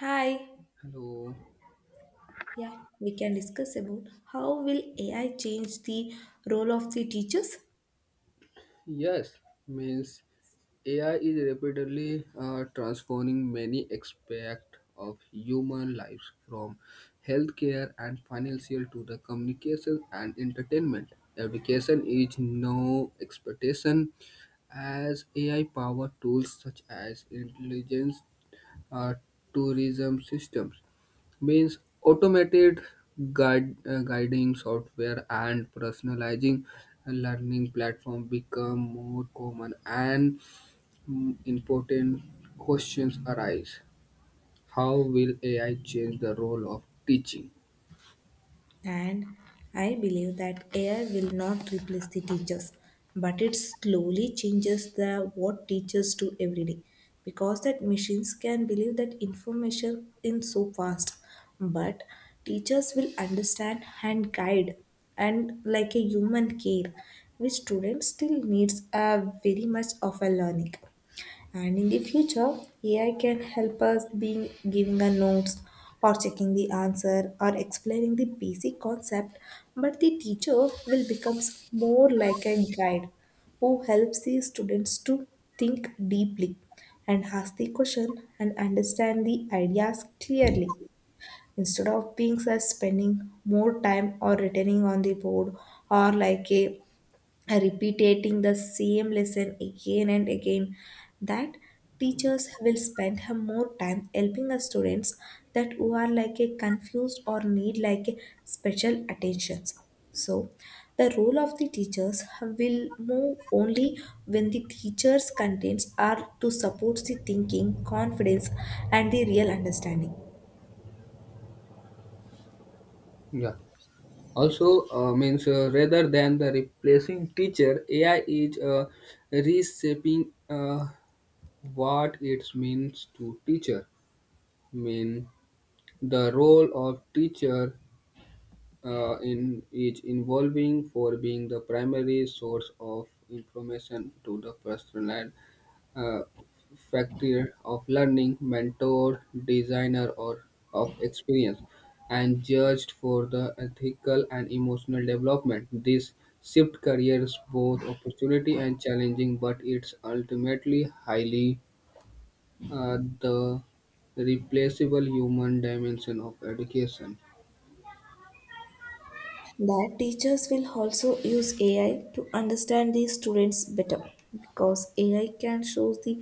Hi. Hello. Yeah, we can discuss about how will AI change the role of the teachers? Yes, means AI is rapidly transforming many aspects of human lives from healthcare and financial to the communication and entertainment. Education is no expectation as AI powered tools such as intelligence uh, tourism systems means automated guiding software and personalizing learning platform become more common and important questions arise. How will ai change the role of teaching? And I believe that AI will not replace the teachers, but it slowly changes the what teachers do every day. Because that machines can believe that information in so fast, but teachers will understand and guide and like a human care, which students still needs a very much of a learning. And in the future, AI can help us being giving a notes or checking the answer or explaining the basic concept, but the teacher will becomes more like a guide who helps the students to think deeply and ask the question and understand the ideas clearly, instead of being such spending more time or returning on the board or like a repeating the same lesson again and again. That teachers will spend her more time helping the students that who are like a confused or need like a special attentions. So the role of the teachers will move only when the teachers contents are to support the thinking confidence and the real understanding. Yeah, also means rather than the replacing teacher, ai is reshaping what it means to teacher, mean the role of teacher in is involving for being the primary source of information to the personal uh, factor of learning, mentor, designer, or of experience, and judged for the ethical and emotional development. This shift careers both opportunity and challenging, but it's ultimately highly the replaceable human dimension of education. That teachers will also use AI to understand the students better, because AI can show the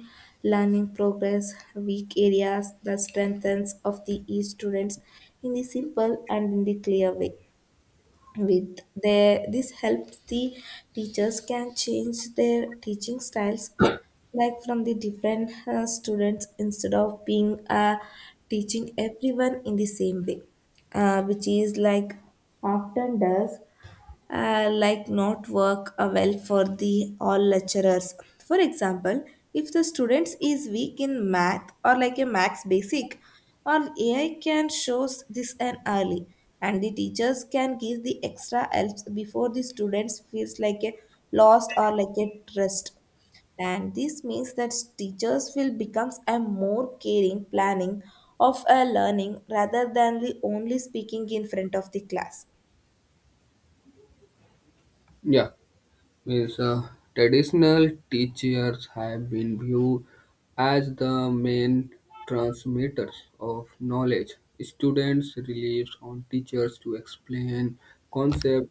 learning progress, weak areas, the strengths of the each students in the simple and in the clear way. With their, this helps the teachers can change their teaching styles like from the different students, instead of being teaching everyone in the same way, which is like often does, like not work well for the all lecturers. For example, if the students is weak in math or like a max basic or ai can shows this an early, and the teachers can give the extra helps before the students feels like a lost or like a trust. And this means that teachers will become a more caring planning of a learning rather than the only speaking in front of the class. Yeah. means Traditional teachers have been viewed as the main transmitters of knowledge. Students rely on teachers to explain concepts,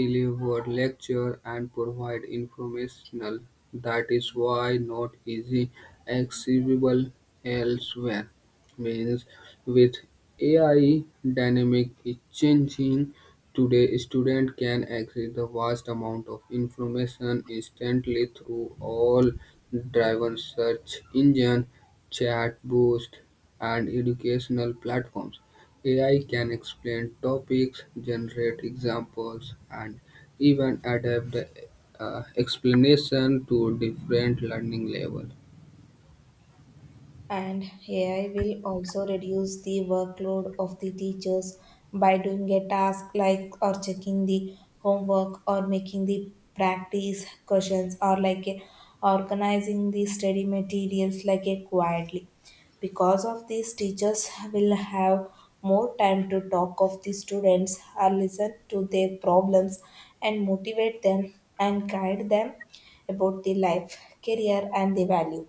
deliver lecture, and provide informational. That is why not easy accessible elsewhere means with AI dynamically changing today, student can access the vast amount of information instantly through all driven search engine, chat boost, and educational platforms. AI can explain topics, generate examples, and even adapt the explanation to different learning levels. And AI will also reduce the workload of the teachers by doing a task like or checking the homework or making the practice questions or organizing the study materials like a quietly. Because of this, teachers will have more time to talk of the students or listen to their problems and motivate them and guide them about the life, career and the value.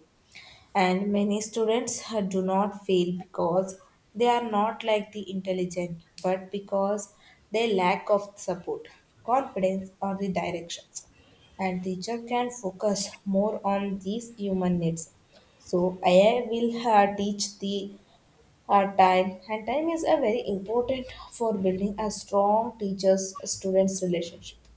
And many students do not fail because they are not like the intelligent, but because they lack of support, confidence or the directions. And teacher can focus more on these human needs. So ai will teach the time, and time is a very important for building a strong teachers students relationship.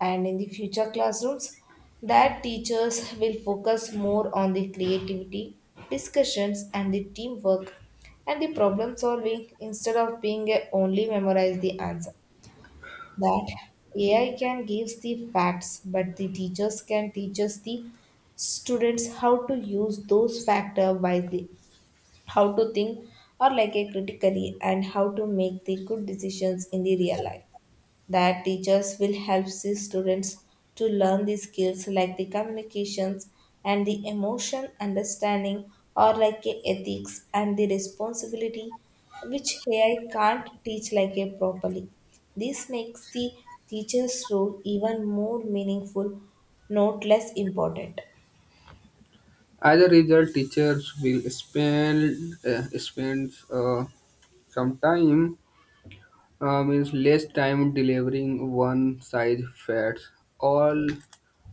And in the future classrooms, that teachers will focus more on the creativity, discussions and the teamwork and the problem solving instead of being a only memorize the answer. That ai can give the facts, but the teachers can teach us the students how to use those factors wisely, how to think or like a critically, and how to make the good decisions in the real life. That teachers will help the students to learn the skills like the communications and the emotion understanding or like a ethics and the responsibility, which AI can't teach like a properly. This makes the teacher's role even more meaningful, not less important. As a result, teachers will spend spend some time means less time delivering one size all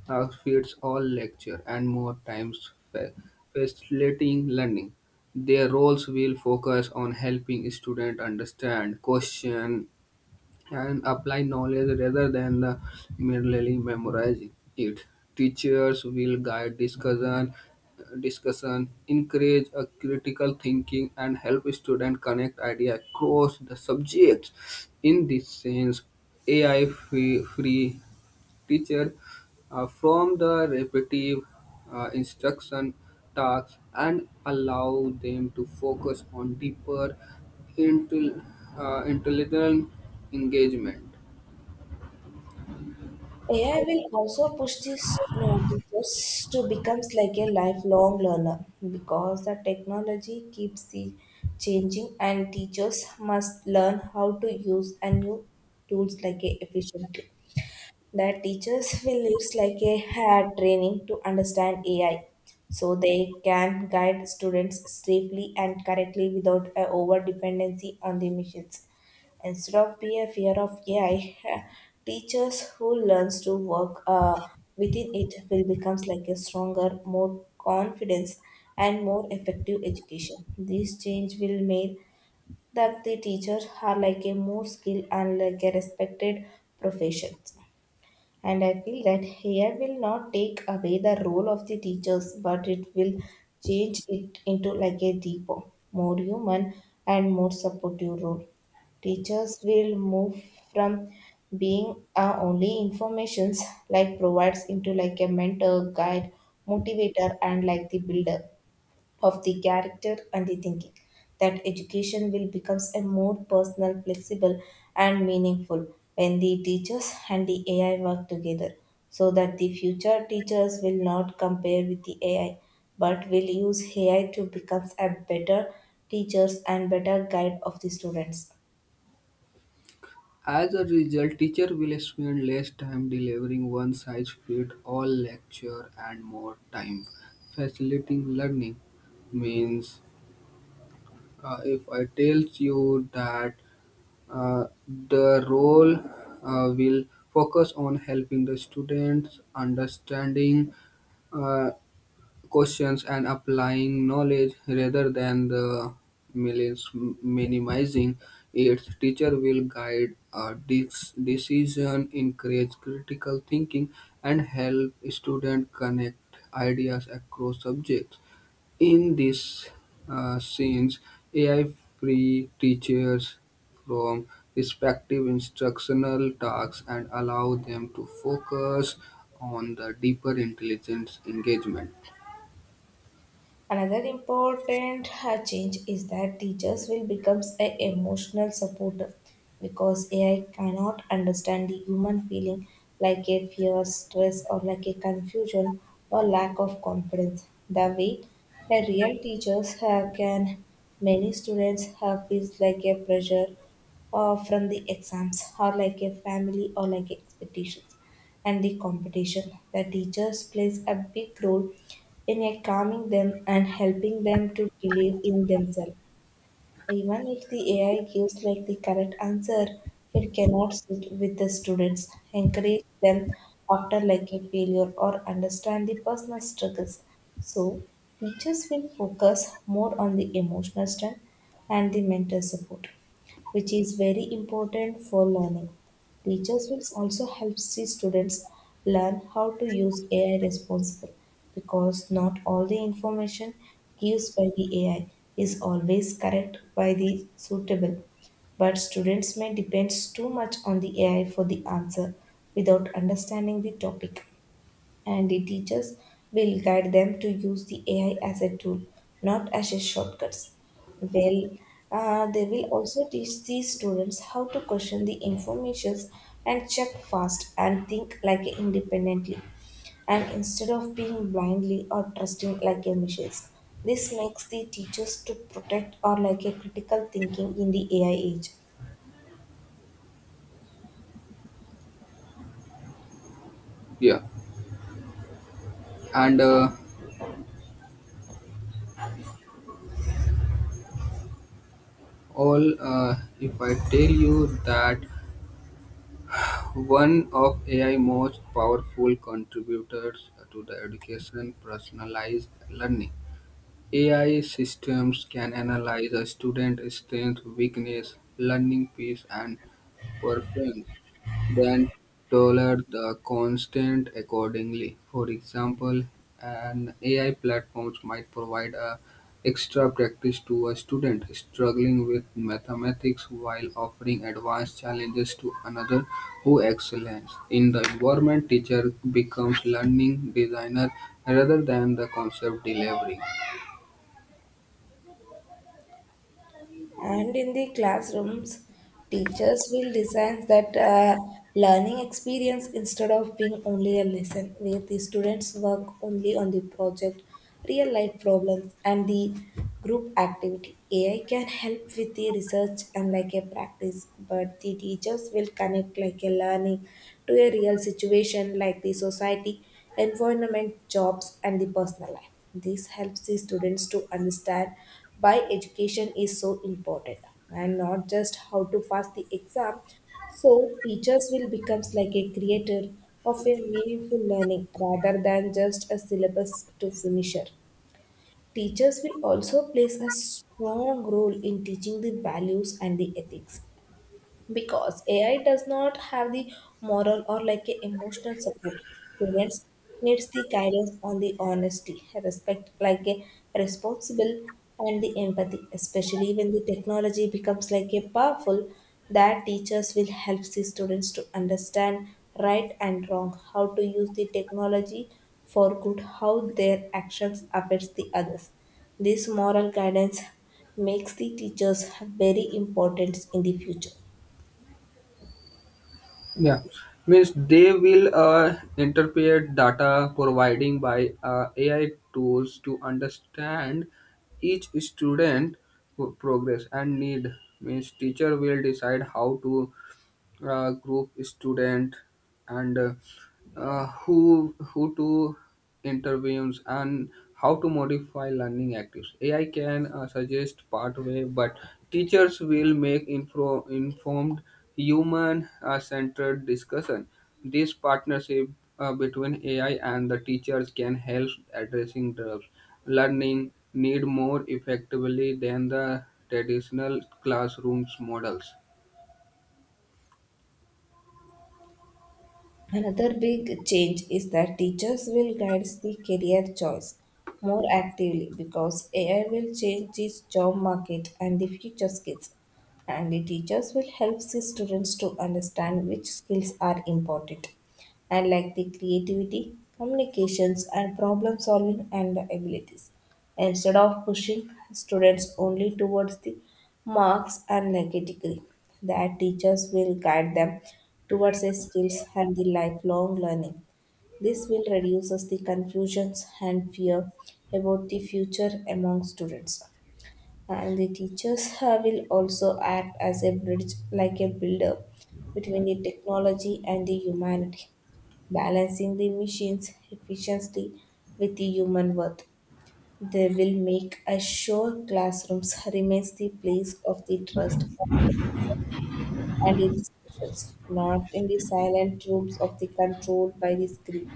fits all lecture and more times facilitating learning. Their roles will focus on helping students understand, question, and apply knowledge rather than the merely memorizing it. Teachers will guide discussion, encourage a critical thinking, and help students connect ideas across the subjects. In this sense, AI free teacher from the repetitive instruction tasks and allow them to focus on deeper intel, intelligent engagement. AI will also push these you teachers to become like a lifelong learner because the technology keeps the changing and teachers must learn how to use a new tools like a efficiently. That teachers will use like a hair training to understand AI, so they can guide students safely and correctly without a over dependency on the machines. Instead of be a fear of AI, teachers who learns to work within it will becomes like a stronger, more confidence and more effective education. This change will make that the teachers are like a more skilled and like a respected profession. And I feel that hair will not take away the role of the teachers, but it will change it into like a deeper, more human and more supportive role. Teachers will move from being only informations like provides into like a mentor, guide, motivator and like the builder of the character and the thinking. That education will becomes a more personal, flexible and meaningful when the teachers and the ai work together. So that the future teachers will not compare with the ai, but will use ai to become a better teachers and better guide of the students. As a result, teacher will spend less time delivering one size fit all lecture and more time facilitating learning means if I tells you that the role will focus on helping the students understanding uh, questions and applying knowledge rather than the millions minimizing its teacher will guide a decision, encourage critical thinking, and help students connect ideas across subjects in these scenes, AI free teachers from respective instructional tasks and allow them to focus on the deeper intelligence engagement. Another important change is that teachers will become an emotional supporter, because AI cannot understand the human feeling like a fear, stress, or like a confusion or lack of confidence. The way a real teachers can, many students have feels like a pressure from the exams or like a family or like expectations and the competition. The teachers plays a big role in a calming them and helping them to believe in themselves. Even if the AI gives like the correct answer, it cannot sit with the students, encourage them after like a failure or understand the personal struggles. So teachers will focus more on the emotional strength and the mental support, which is very important for learning. Teachers will also help see students learn how to use AI responsibly, because not all the information given by the AI is always correct by the suitable. But students may depend too much on the AI for the answer without understanding the topic, and the teachers will guide them to use the AI as a tool, not as a shortcuts. Well, they will also teach these students how to question the informations and check fast and think like independently, and instead of being blindly or trusting like a machines. This makes the teachers to protect or like a critical thinking in the AI age. Yeah, and all if I tell you that one of AI most powerful contributors to the education personalized learning, AI systems can analyze a student's strength, weakness, learning pace, and performance, then tailor the content accordingly. For example, an AI platform might provide a extra practice to a student struggling with mathematics while offering advanced challenges to another who excels. In the environment, teacher becomes learning designer rather than the concept delivery. And in the classrooms, teachers will design that learning experience instead of being only a lesson, where the students work only on the project, real life problems, and the group activity. AI can help with the research and like a practice, but the teachers will connect like a learning to a real situation like the society, environment, jobs, and the personal life. This helps the students to understand why education is so important and not just how to pass the exam. So teachers will become like a creator of a meaningful learning rather than just a syllabus to finisher. Teachers will also plays a strong role in teaching the values and the ethics, because AI does not have the moral or like a emotional support. Parents needs the guidance on the honesty, respect, like a responsible and the empathy, especially when the technology becomes like a powerful. That teachers will help the students to understand right and wrong, how to use the technology for good, how their actions affects the others. This moral guidance makes the teachers very important in the future. Yeah, means they will interpret data providing by AI tools to understand each student progress and need. Means teacher will decide how to group student and who to interviews and how to modify learning actives. Ai can suggest pathway, but teachers will make informed human centered discussion. This partnership between ai and the teachers can help addressing the learning need more effectively than the traditional classrooms models. Another big change is that teachers will guide the career choice more actively, because AI will change the job market and the future skills. And the teachers will help the students to understand which skills are important, and like the creativity, communications, and problem solving and the abilities instead of pushing students only towards the marks and like a degree. That teachers will guide them towards the skills and the lifelong learning. This will reduces the confusions and fear about the future among students. And the teachers will also act as a bridge, like a builder between the technology and the humanity, balancing the machines' efficiently with the human worth. They will make assure classrooms remains the place of the trust and the discussions, not in the silent rooms of the controlled by the screen.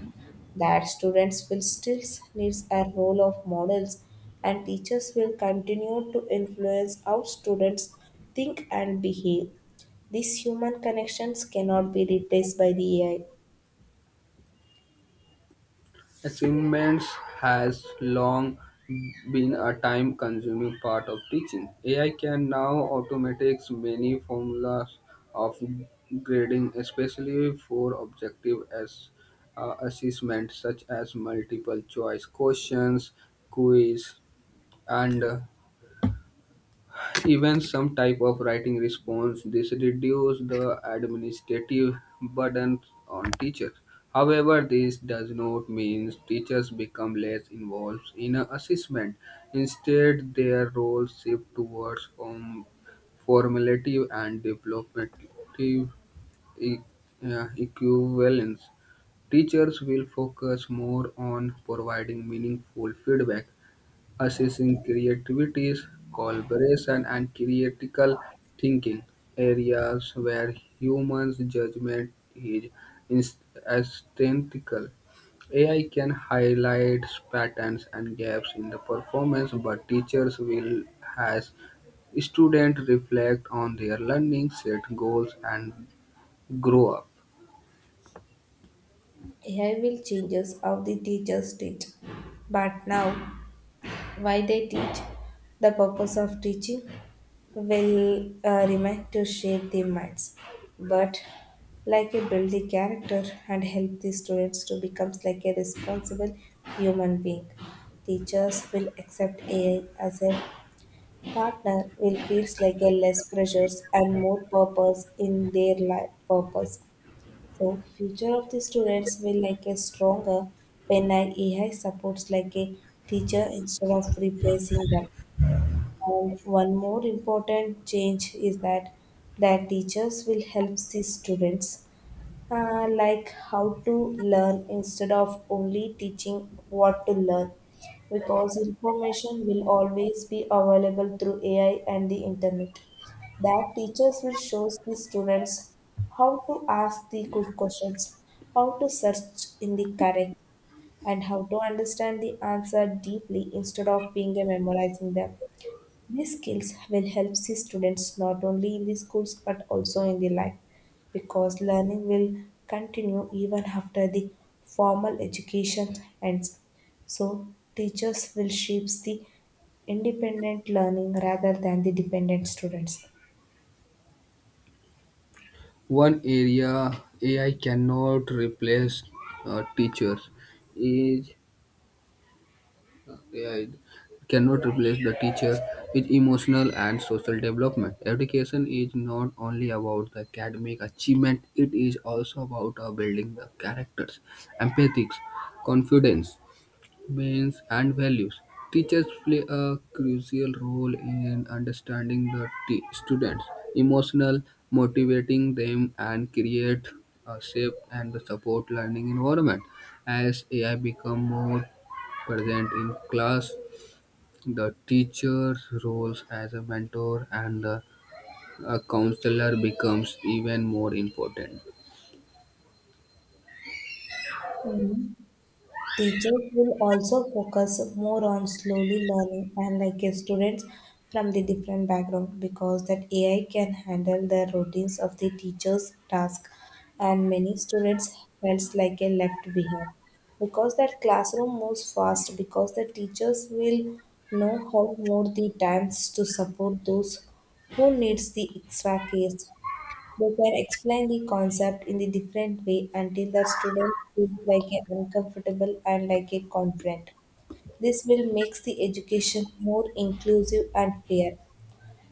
That students will still needs a role of models, and teachers will continue to influence how students think and behave. These human connections cannot be replaced by the AI. Assignments has long been a time-consuming part of teaching. AI can now automate many formulas of grading, especially for objective as assessment such as multiple choice questions, quiz, and even some type of writing response. This reduce the administrative burden on teachers. However, this does not mean teachers become less involved in assessment. Instead, their roles shift towards formative and developmental e- equivalence. Teachers will focus more on providing meaningful feedback, assessing creativities, collaboration, and critical thinking, areas where humans' judgment is inst- instinctual. AI can highlight patterns and gaps in the performance, but teachers will has students reflect on their learning, set goals, and grow up. AI will change how the teachers teach. But now, why they teach, the purpose of teaching will remain to shape their minds, but like a build the character and help the students to become like a responsible human being. Teachers will accept AI as a partner, will feels like a less pressures and more purpose in their life purpose. So future of the students will like a stronger when like A I AI supports like a teacher instead of replacing them. And one more important change is that teachers will help the students like how to learn instead of only teaching what to learn, because information will always be available through AI and the internet. That teachers will show the students how to ask the good questions, how to search in the correct, and how to understand the answer deeply instead of being a memorizing them. These skills will help the students not only in the schools but also in the life, because learning will continue even after the formal education ends. So teachers will shape the independent learning rather than the dependent students. One area AI cannot replace teachers is. Yeah, it cannot replace the teacher with emotional and social development. Education is not only about the academic achievement, it is also about building the characters, empathy, confidence, means, and values. Teachers play a crucial role in understanding the students' emotional, motivating them, and create a safe and support learning environment. As AI become more present in class, the teacher's roles as a mentor and the a counselor becomes even more important. Mhm. Teachers will also focus more on slowly learning and like students from the different background because that AI can handle the routines of the teacher's task and many students felt like a left behind because that classroom moves fast because the teachers will know how more the times to support those who needs the extra case. They can explain the concept in the different way until the student feels like a uncomfortable and like a confident. This will make the education more inclusive and fair.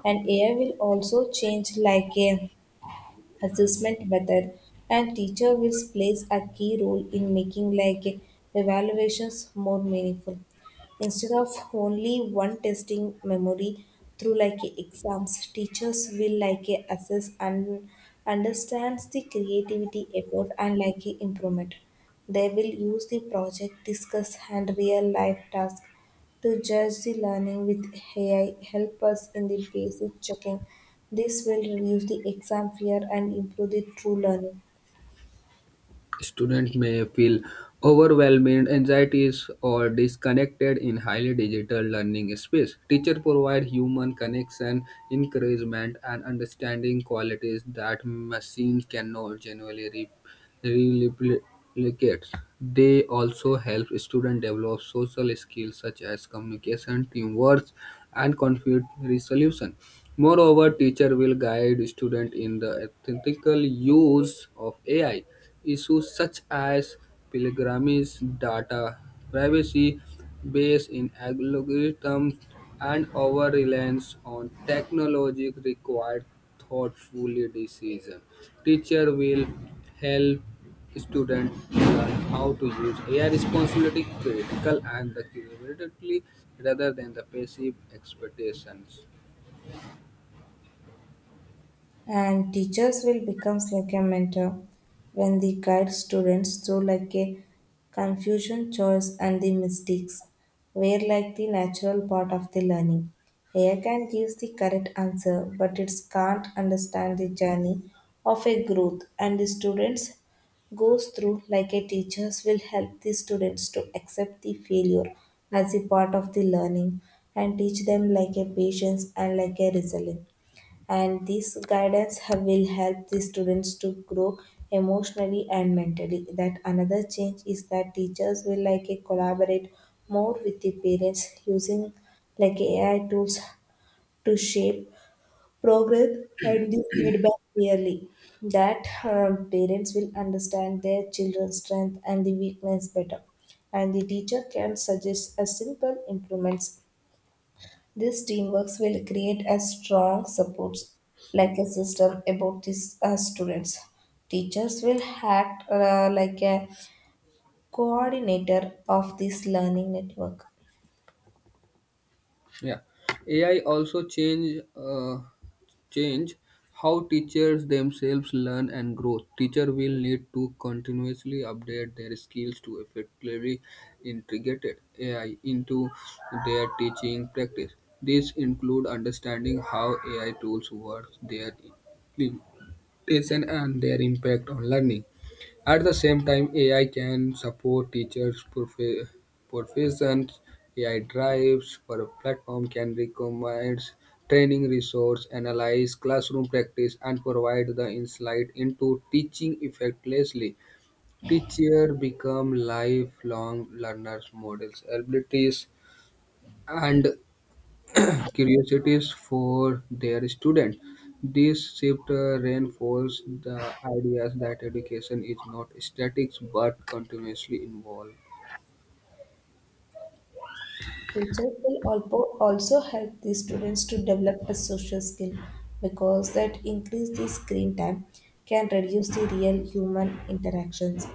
And AI will also change like a assessment method, and teacher will plays a key role in making like evaluations more meaningful. Instead of only one testing memory through like a exams, teachers will like a assess and understands the creativity effort and like a improvement. They will use the project, discuss and real life task to judge the learning with AI help us in the basic checking. This will reduce the exam fear and improve the true learning. Students may feel overwhelmed, anxieties, or disconnected in highly digital learning space. Teacher provide human connection, encouragement, and understanding qualities that machines cannot genuinely re- replicate. They also help students develop social skills such as communication, teamwork, and conflict resolution. Moreover, teacher will guide student in the ethical use of AI. Issues such as pilgrimage data, privacy based in algorithms, and over reliance on technology require thoughtful decision. Teacher will help students learn how to use AI responsibility critical and the creatively rather than the passive expectations. And teachers will becomes like a mentor when they guide students through like a confusion choice, and the mistakes were like the natural part of the learning. AI can give the correct answer, but it can't understand the journey of a growth and the students goes through. Like a teachers will help the students to accept the failure as a part of the learning and teach them like a patience and like a resilience, and this will help the students to grow emotionally and mentally. That another change is that teachers will like a collaborate more with the parents using like AI tools to shape progress and the feedback clearly, that parents will understand their children's strength and the weakness better, and the teacher can suggest a simple improvements. This teamwork will create a strong support like a system about these students. Teachers will act like a coordinator of this learning network. Yeah, AI also change how teachers themselves learn and grow. Teacher will need to continuously update their skills to effectively integrate AI into their teaching practice. This include understanding how AI tools work, their implementation, and their impact on learning. At the same time, AI can support teachers' professions. AI drives for a platform can recommend training resource, analyze classroom practice, and provide the insight into teaching effectively. Teachers become lifelong learners, models, abilities, and curiosities for their students. This shift reinforces the ideas that education is not static but continuously involved. Teachers will also, help the students to develop a social skill because that increase the screen time can reduce the real human interactions.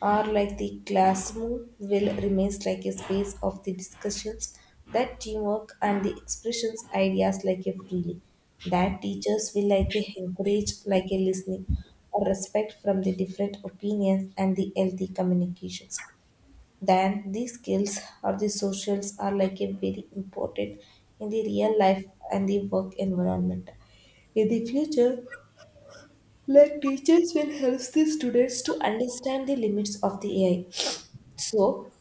Are like the classroom will remains like a space of the discussions, that teamwork and the expressions ideas like a freely, that teachers will like a encourage like a listening or respect from the different opinions and the healthy communications. Then these skills or the socials are like a very important in the real life and the work environment in the future. Like teachers will help the students to understand the limits of the AI, so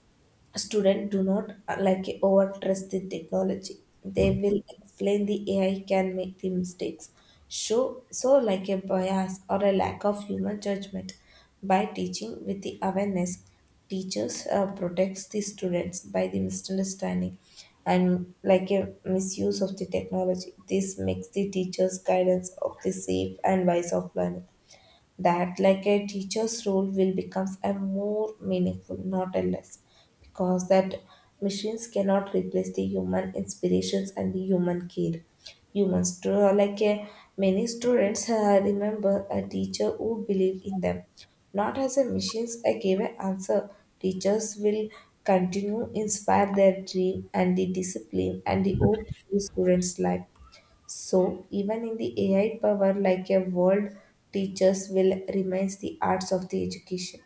students do not like overtrust the technology. They will explain the AI can make the mistakes. Show so like a bias or a lack of human judgment by teaching with the awareness. Teachers protects the students by the misunderstanding and like a misuse of the technology. This makes the teachers' guidance of the safe and wise of learning. That like a teacher's role will becomes a more meaningful, not a less, because that machines cannot replace the human inspirations and the human care. Like a many students remember a teacher who believed in them, not as a machines I gave an answer. Teachers will continue inspire their dream and the discipline and the hope to the students life. So, even in the AI power, like a world, teachers will remains the arts of the education.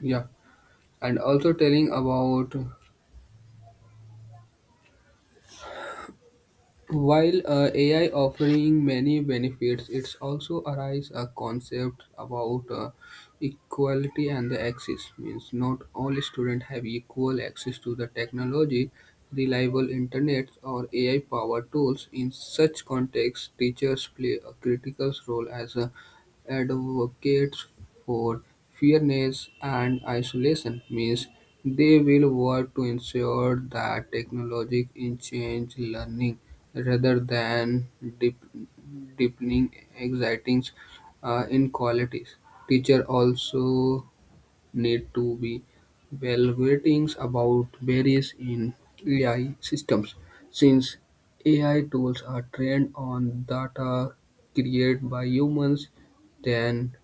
Yeah, and also telling about. While AI offering many benefits, it's also arise a concept about equality and the access. Means not all students have equal access to the technology, reliable internet, or AI-powered tools. In such context, teachers play a critical role as a advocates for fairness and isolation. Means they will work to ensure that technology enhances learning, rather than deep, deepening existing inequalities. Teachers also need to be evaluating about barriers in AI systems, since AI tools are trained on data created by humans. Then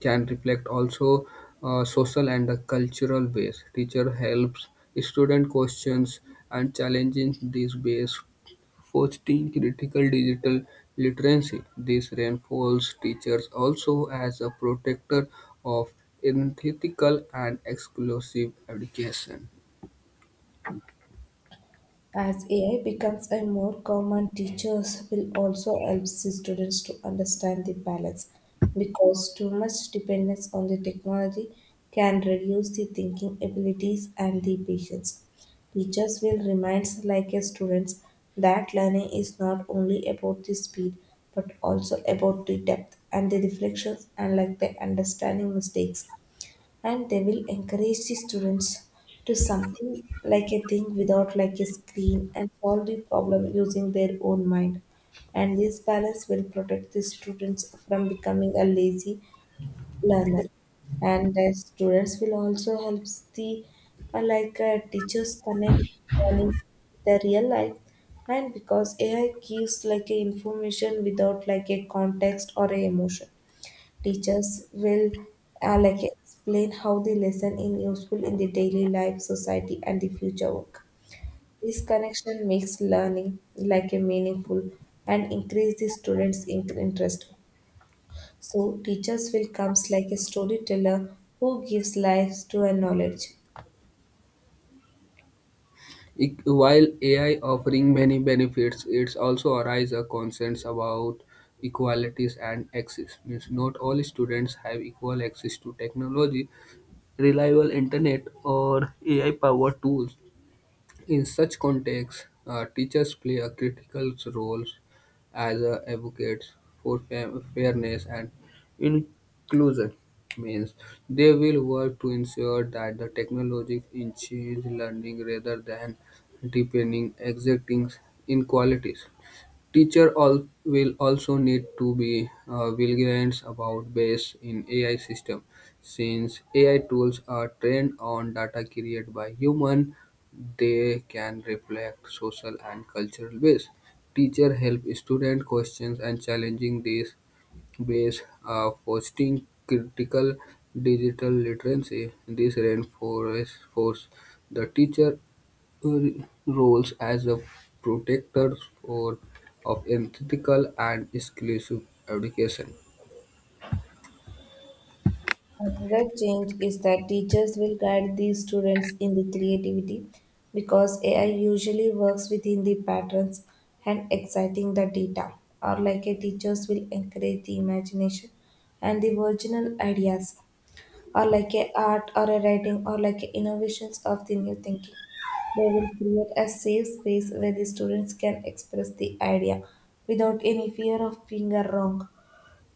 can reflect also social and the cultural base. Teacher helps student questions and challenging these base, fostering critical digital literacy. This reinforces teachers also as a protector of ethical and exclusive education. As AI becomes a more common, teachers will also help the students to understand the balance because too much dependence on the technology can reduce the thinking abilities and the patience. Teachers will remind like a students that learning is not only about the speed but also about the depth and the reflections and like the understanding mistakes, and they will encourage the students to something like a thing without like a screen and solve the problem using their own mind. And this balance will protect the students from becoming a lazy learner. And the students will also help the teachers connect learning with the real life. And because AI gives like a information without like a context or a emotion, teachers will like explain how the lesson is useful in the daily life, society, and the future work. This connection makes learning like a meaningful and increase the students' interest. So teachers will comes like a storyteller who gives life to a knowledge. While AI offering many benefits, it's also arise a concerns about equalities and access. Means not all students have equal access to technology, reliable internet, or AI-powered tools. In such contexts, teachers play a critical role as advocates for fairness and inclusion. Means they will work to ensure that the technology enhances learning rather than deepening existing inequalities. Teacher all will also need to be vigilant about bias in AI system, since AI tools are trained on data created by human. They can reflect social and cultural bias. Teacher help student questions and challenging these base, are fostering critical digital literacy. This reinforces the teacher uh, roles as a protector for, of ethical and inclusive education. Another change is that teachers will guide these students in the creativity because AI usually works within the patterns and exciting the data, or like a teachers will encourage the imagination and the original ideas, or like a art or a writing or like a innovations of the new thinking. They will create a safe space where the students can express the idea without any fear of being a wrong.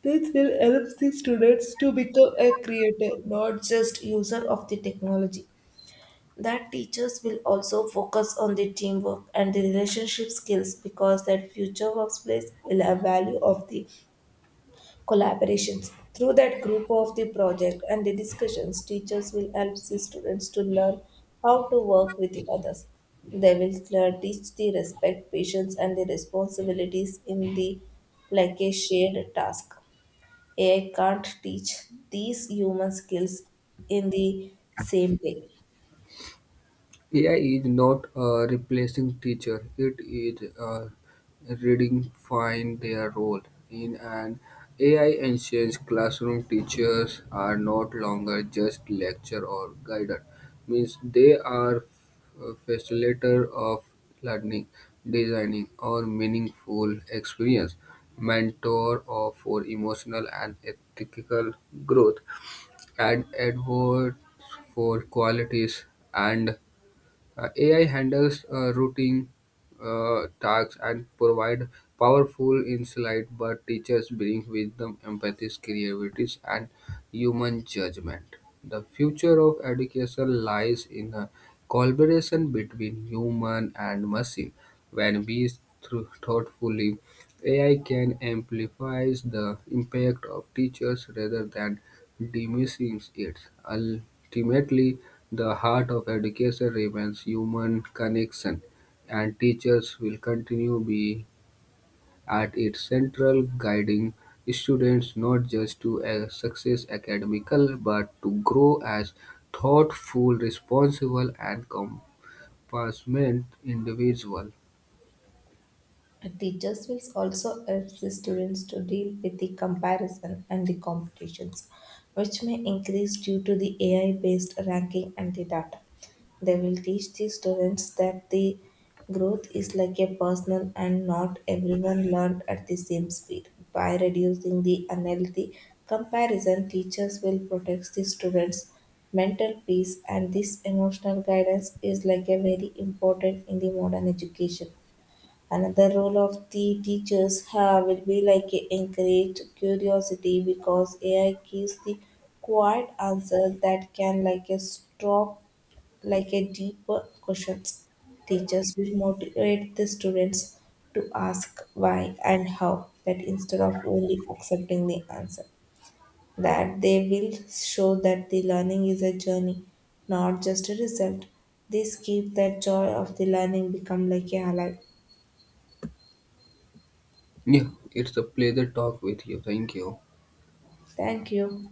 This will help the students to become a creator, not just user of the technology. That teachers will also focus on the teamwork and the relationship skills because that future workplace will have value of the collaborations. Through that group of the project and the discussions, teachers will help the students to learn how to work with the others. They will teach the respect, patience, and the responsibilities in the like a shared task. AI can't teach these human skills in the same way. AI is not replacing teacher. It is redefining their role. In an AI ancient classroom, teachers are not longer just lecturer or guider. Means they are a facilitator of learning, designing, or meaningful experience, mentor or for emotional and ethical growth, and advocate for qualities and AI handles routine tasks and provide powerful insight, but teachers bring wisdom, empathy, creativity, and human judgment. The future of education lies in the collaboration between human and machine. When we thoughtfully, AI can amplify the impact of teachers rather than diminishing it. Ultimately, the heart of education remains human connection, and teachers will continue being at its central, guiding students not just to a success academical, but to grow as thoughtful, responsible, and compassionate individual. And teachers will also help the students to deal with the comparison and the competitions, which may increase due to the AI based ranking and the data. They will teach the students that the growth is like a personal and not everyone learned at the same speed. By reducing the unhealthy comparison, teachers will protect the students' mental peace, and this emotional guidance is like a very important in the modern education. Another role of the teachers have will be like encourage curiosity because AI gives the quiet answer that can like a stop like a deeper questions. Teachers will motivate the students to ask why and how that instead of only accepting the answer. That they will show that the learning is a journey, not just a result. This keeps that joy of the learning become like a alive. Yeah, it's a pleasure talk with you. Thank you. Thank you.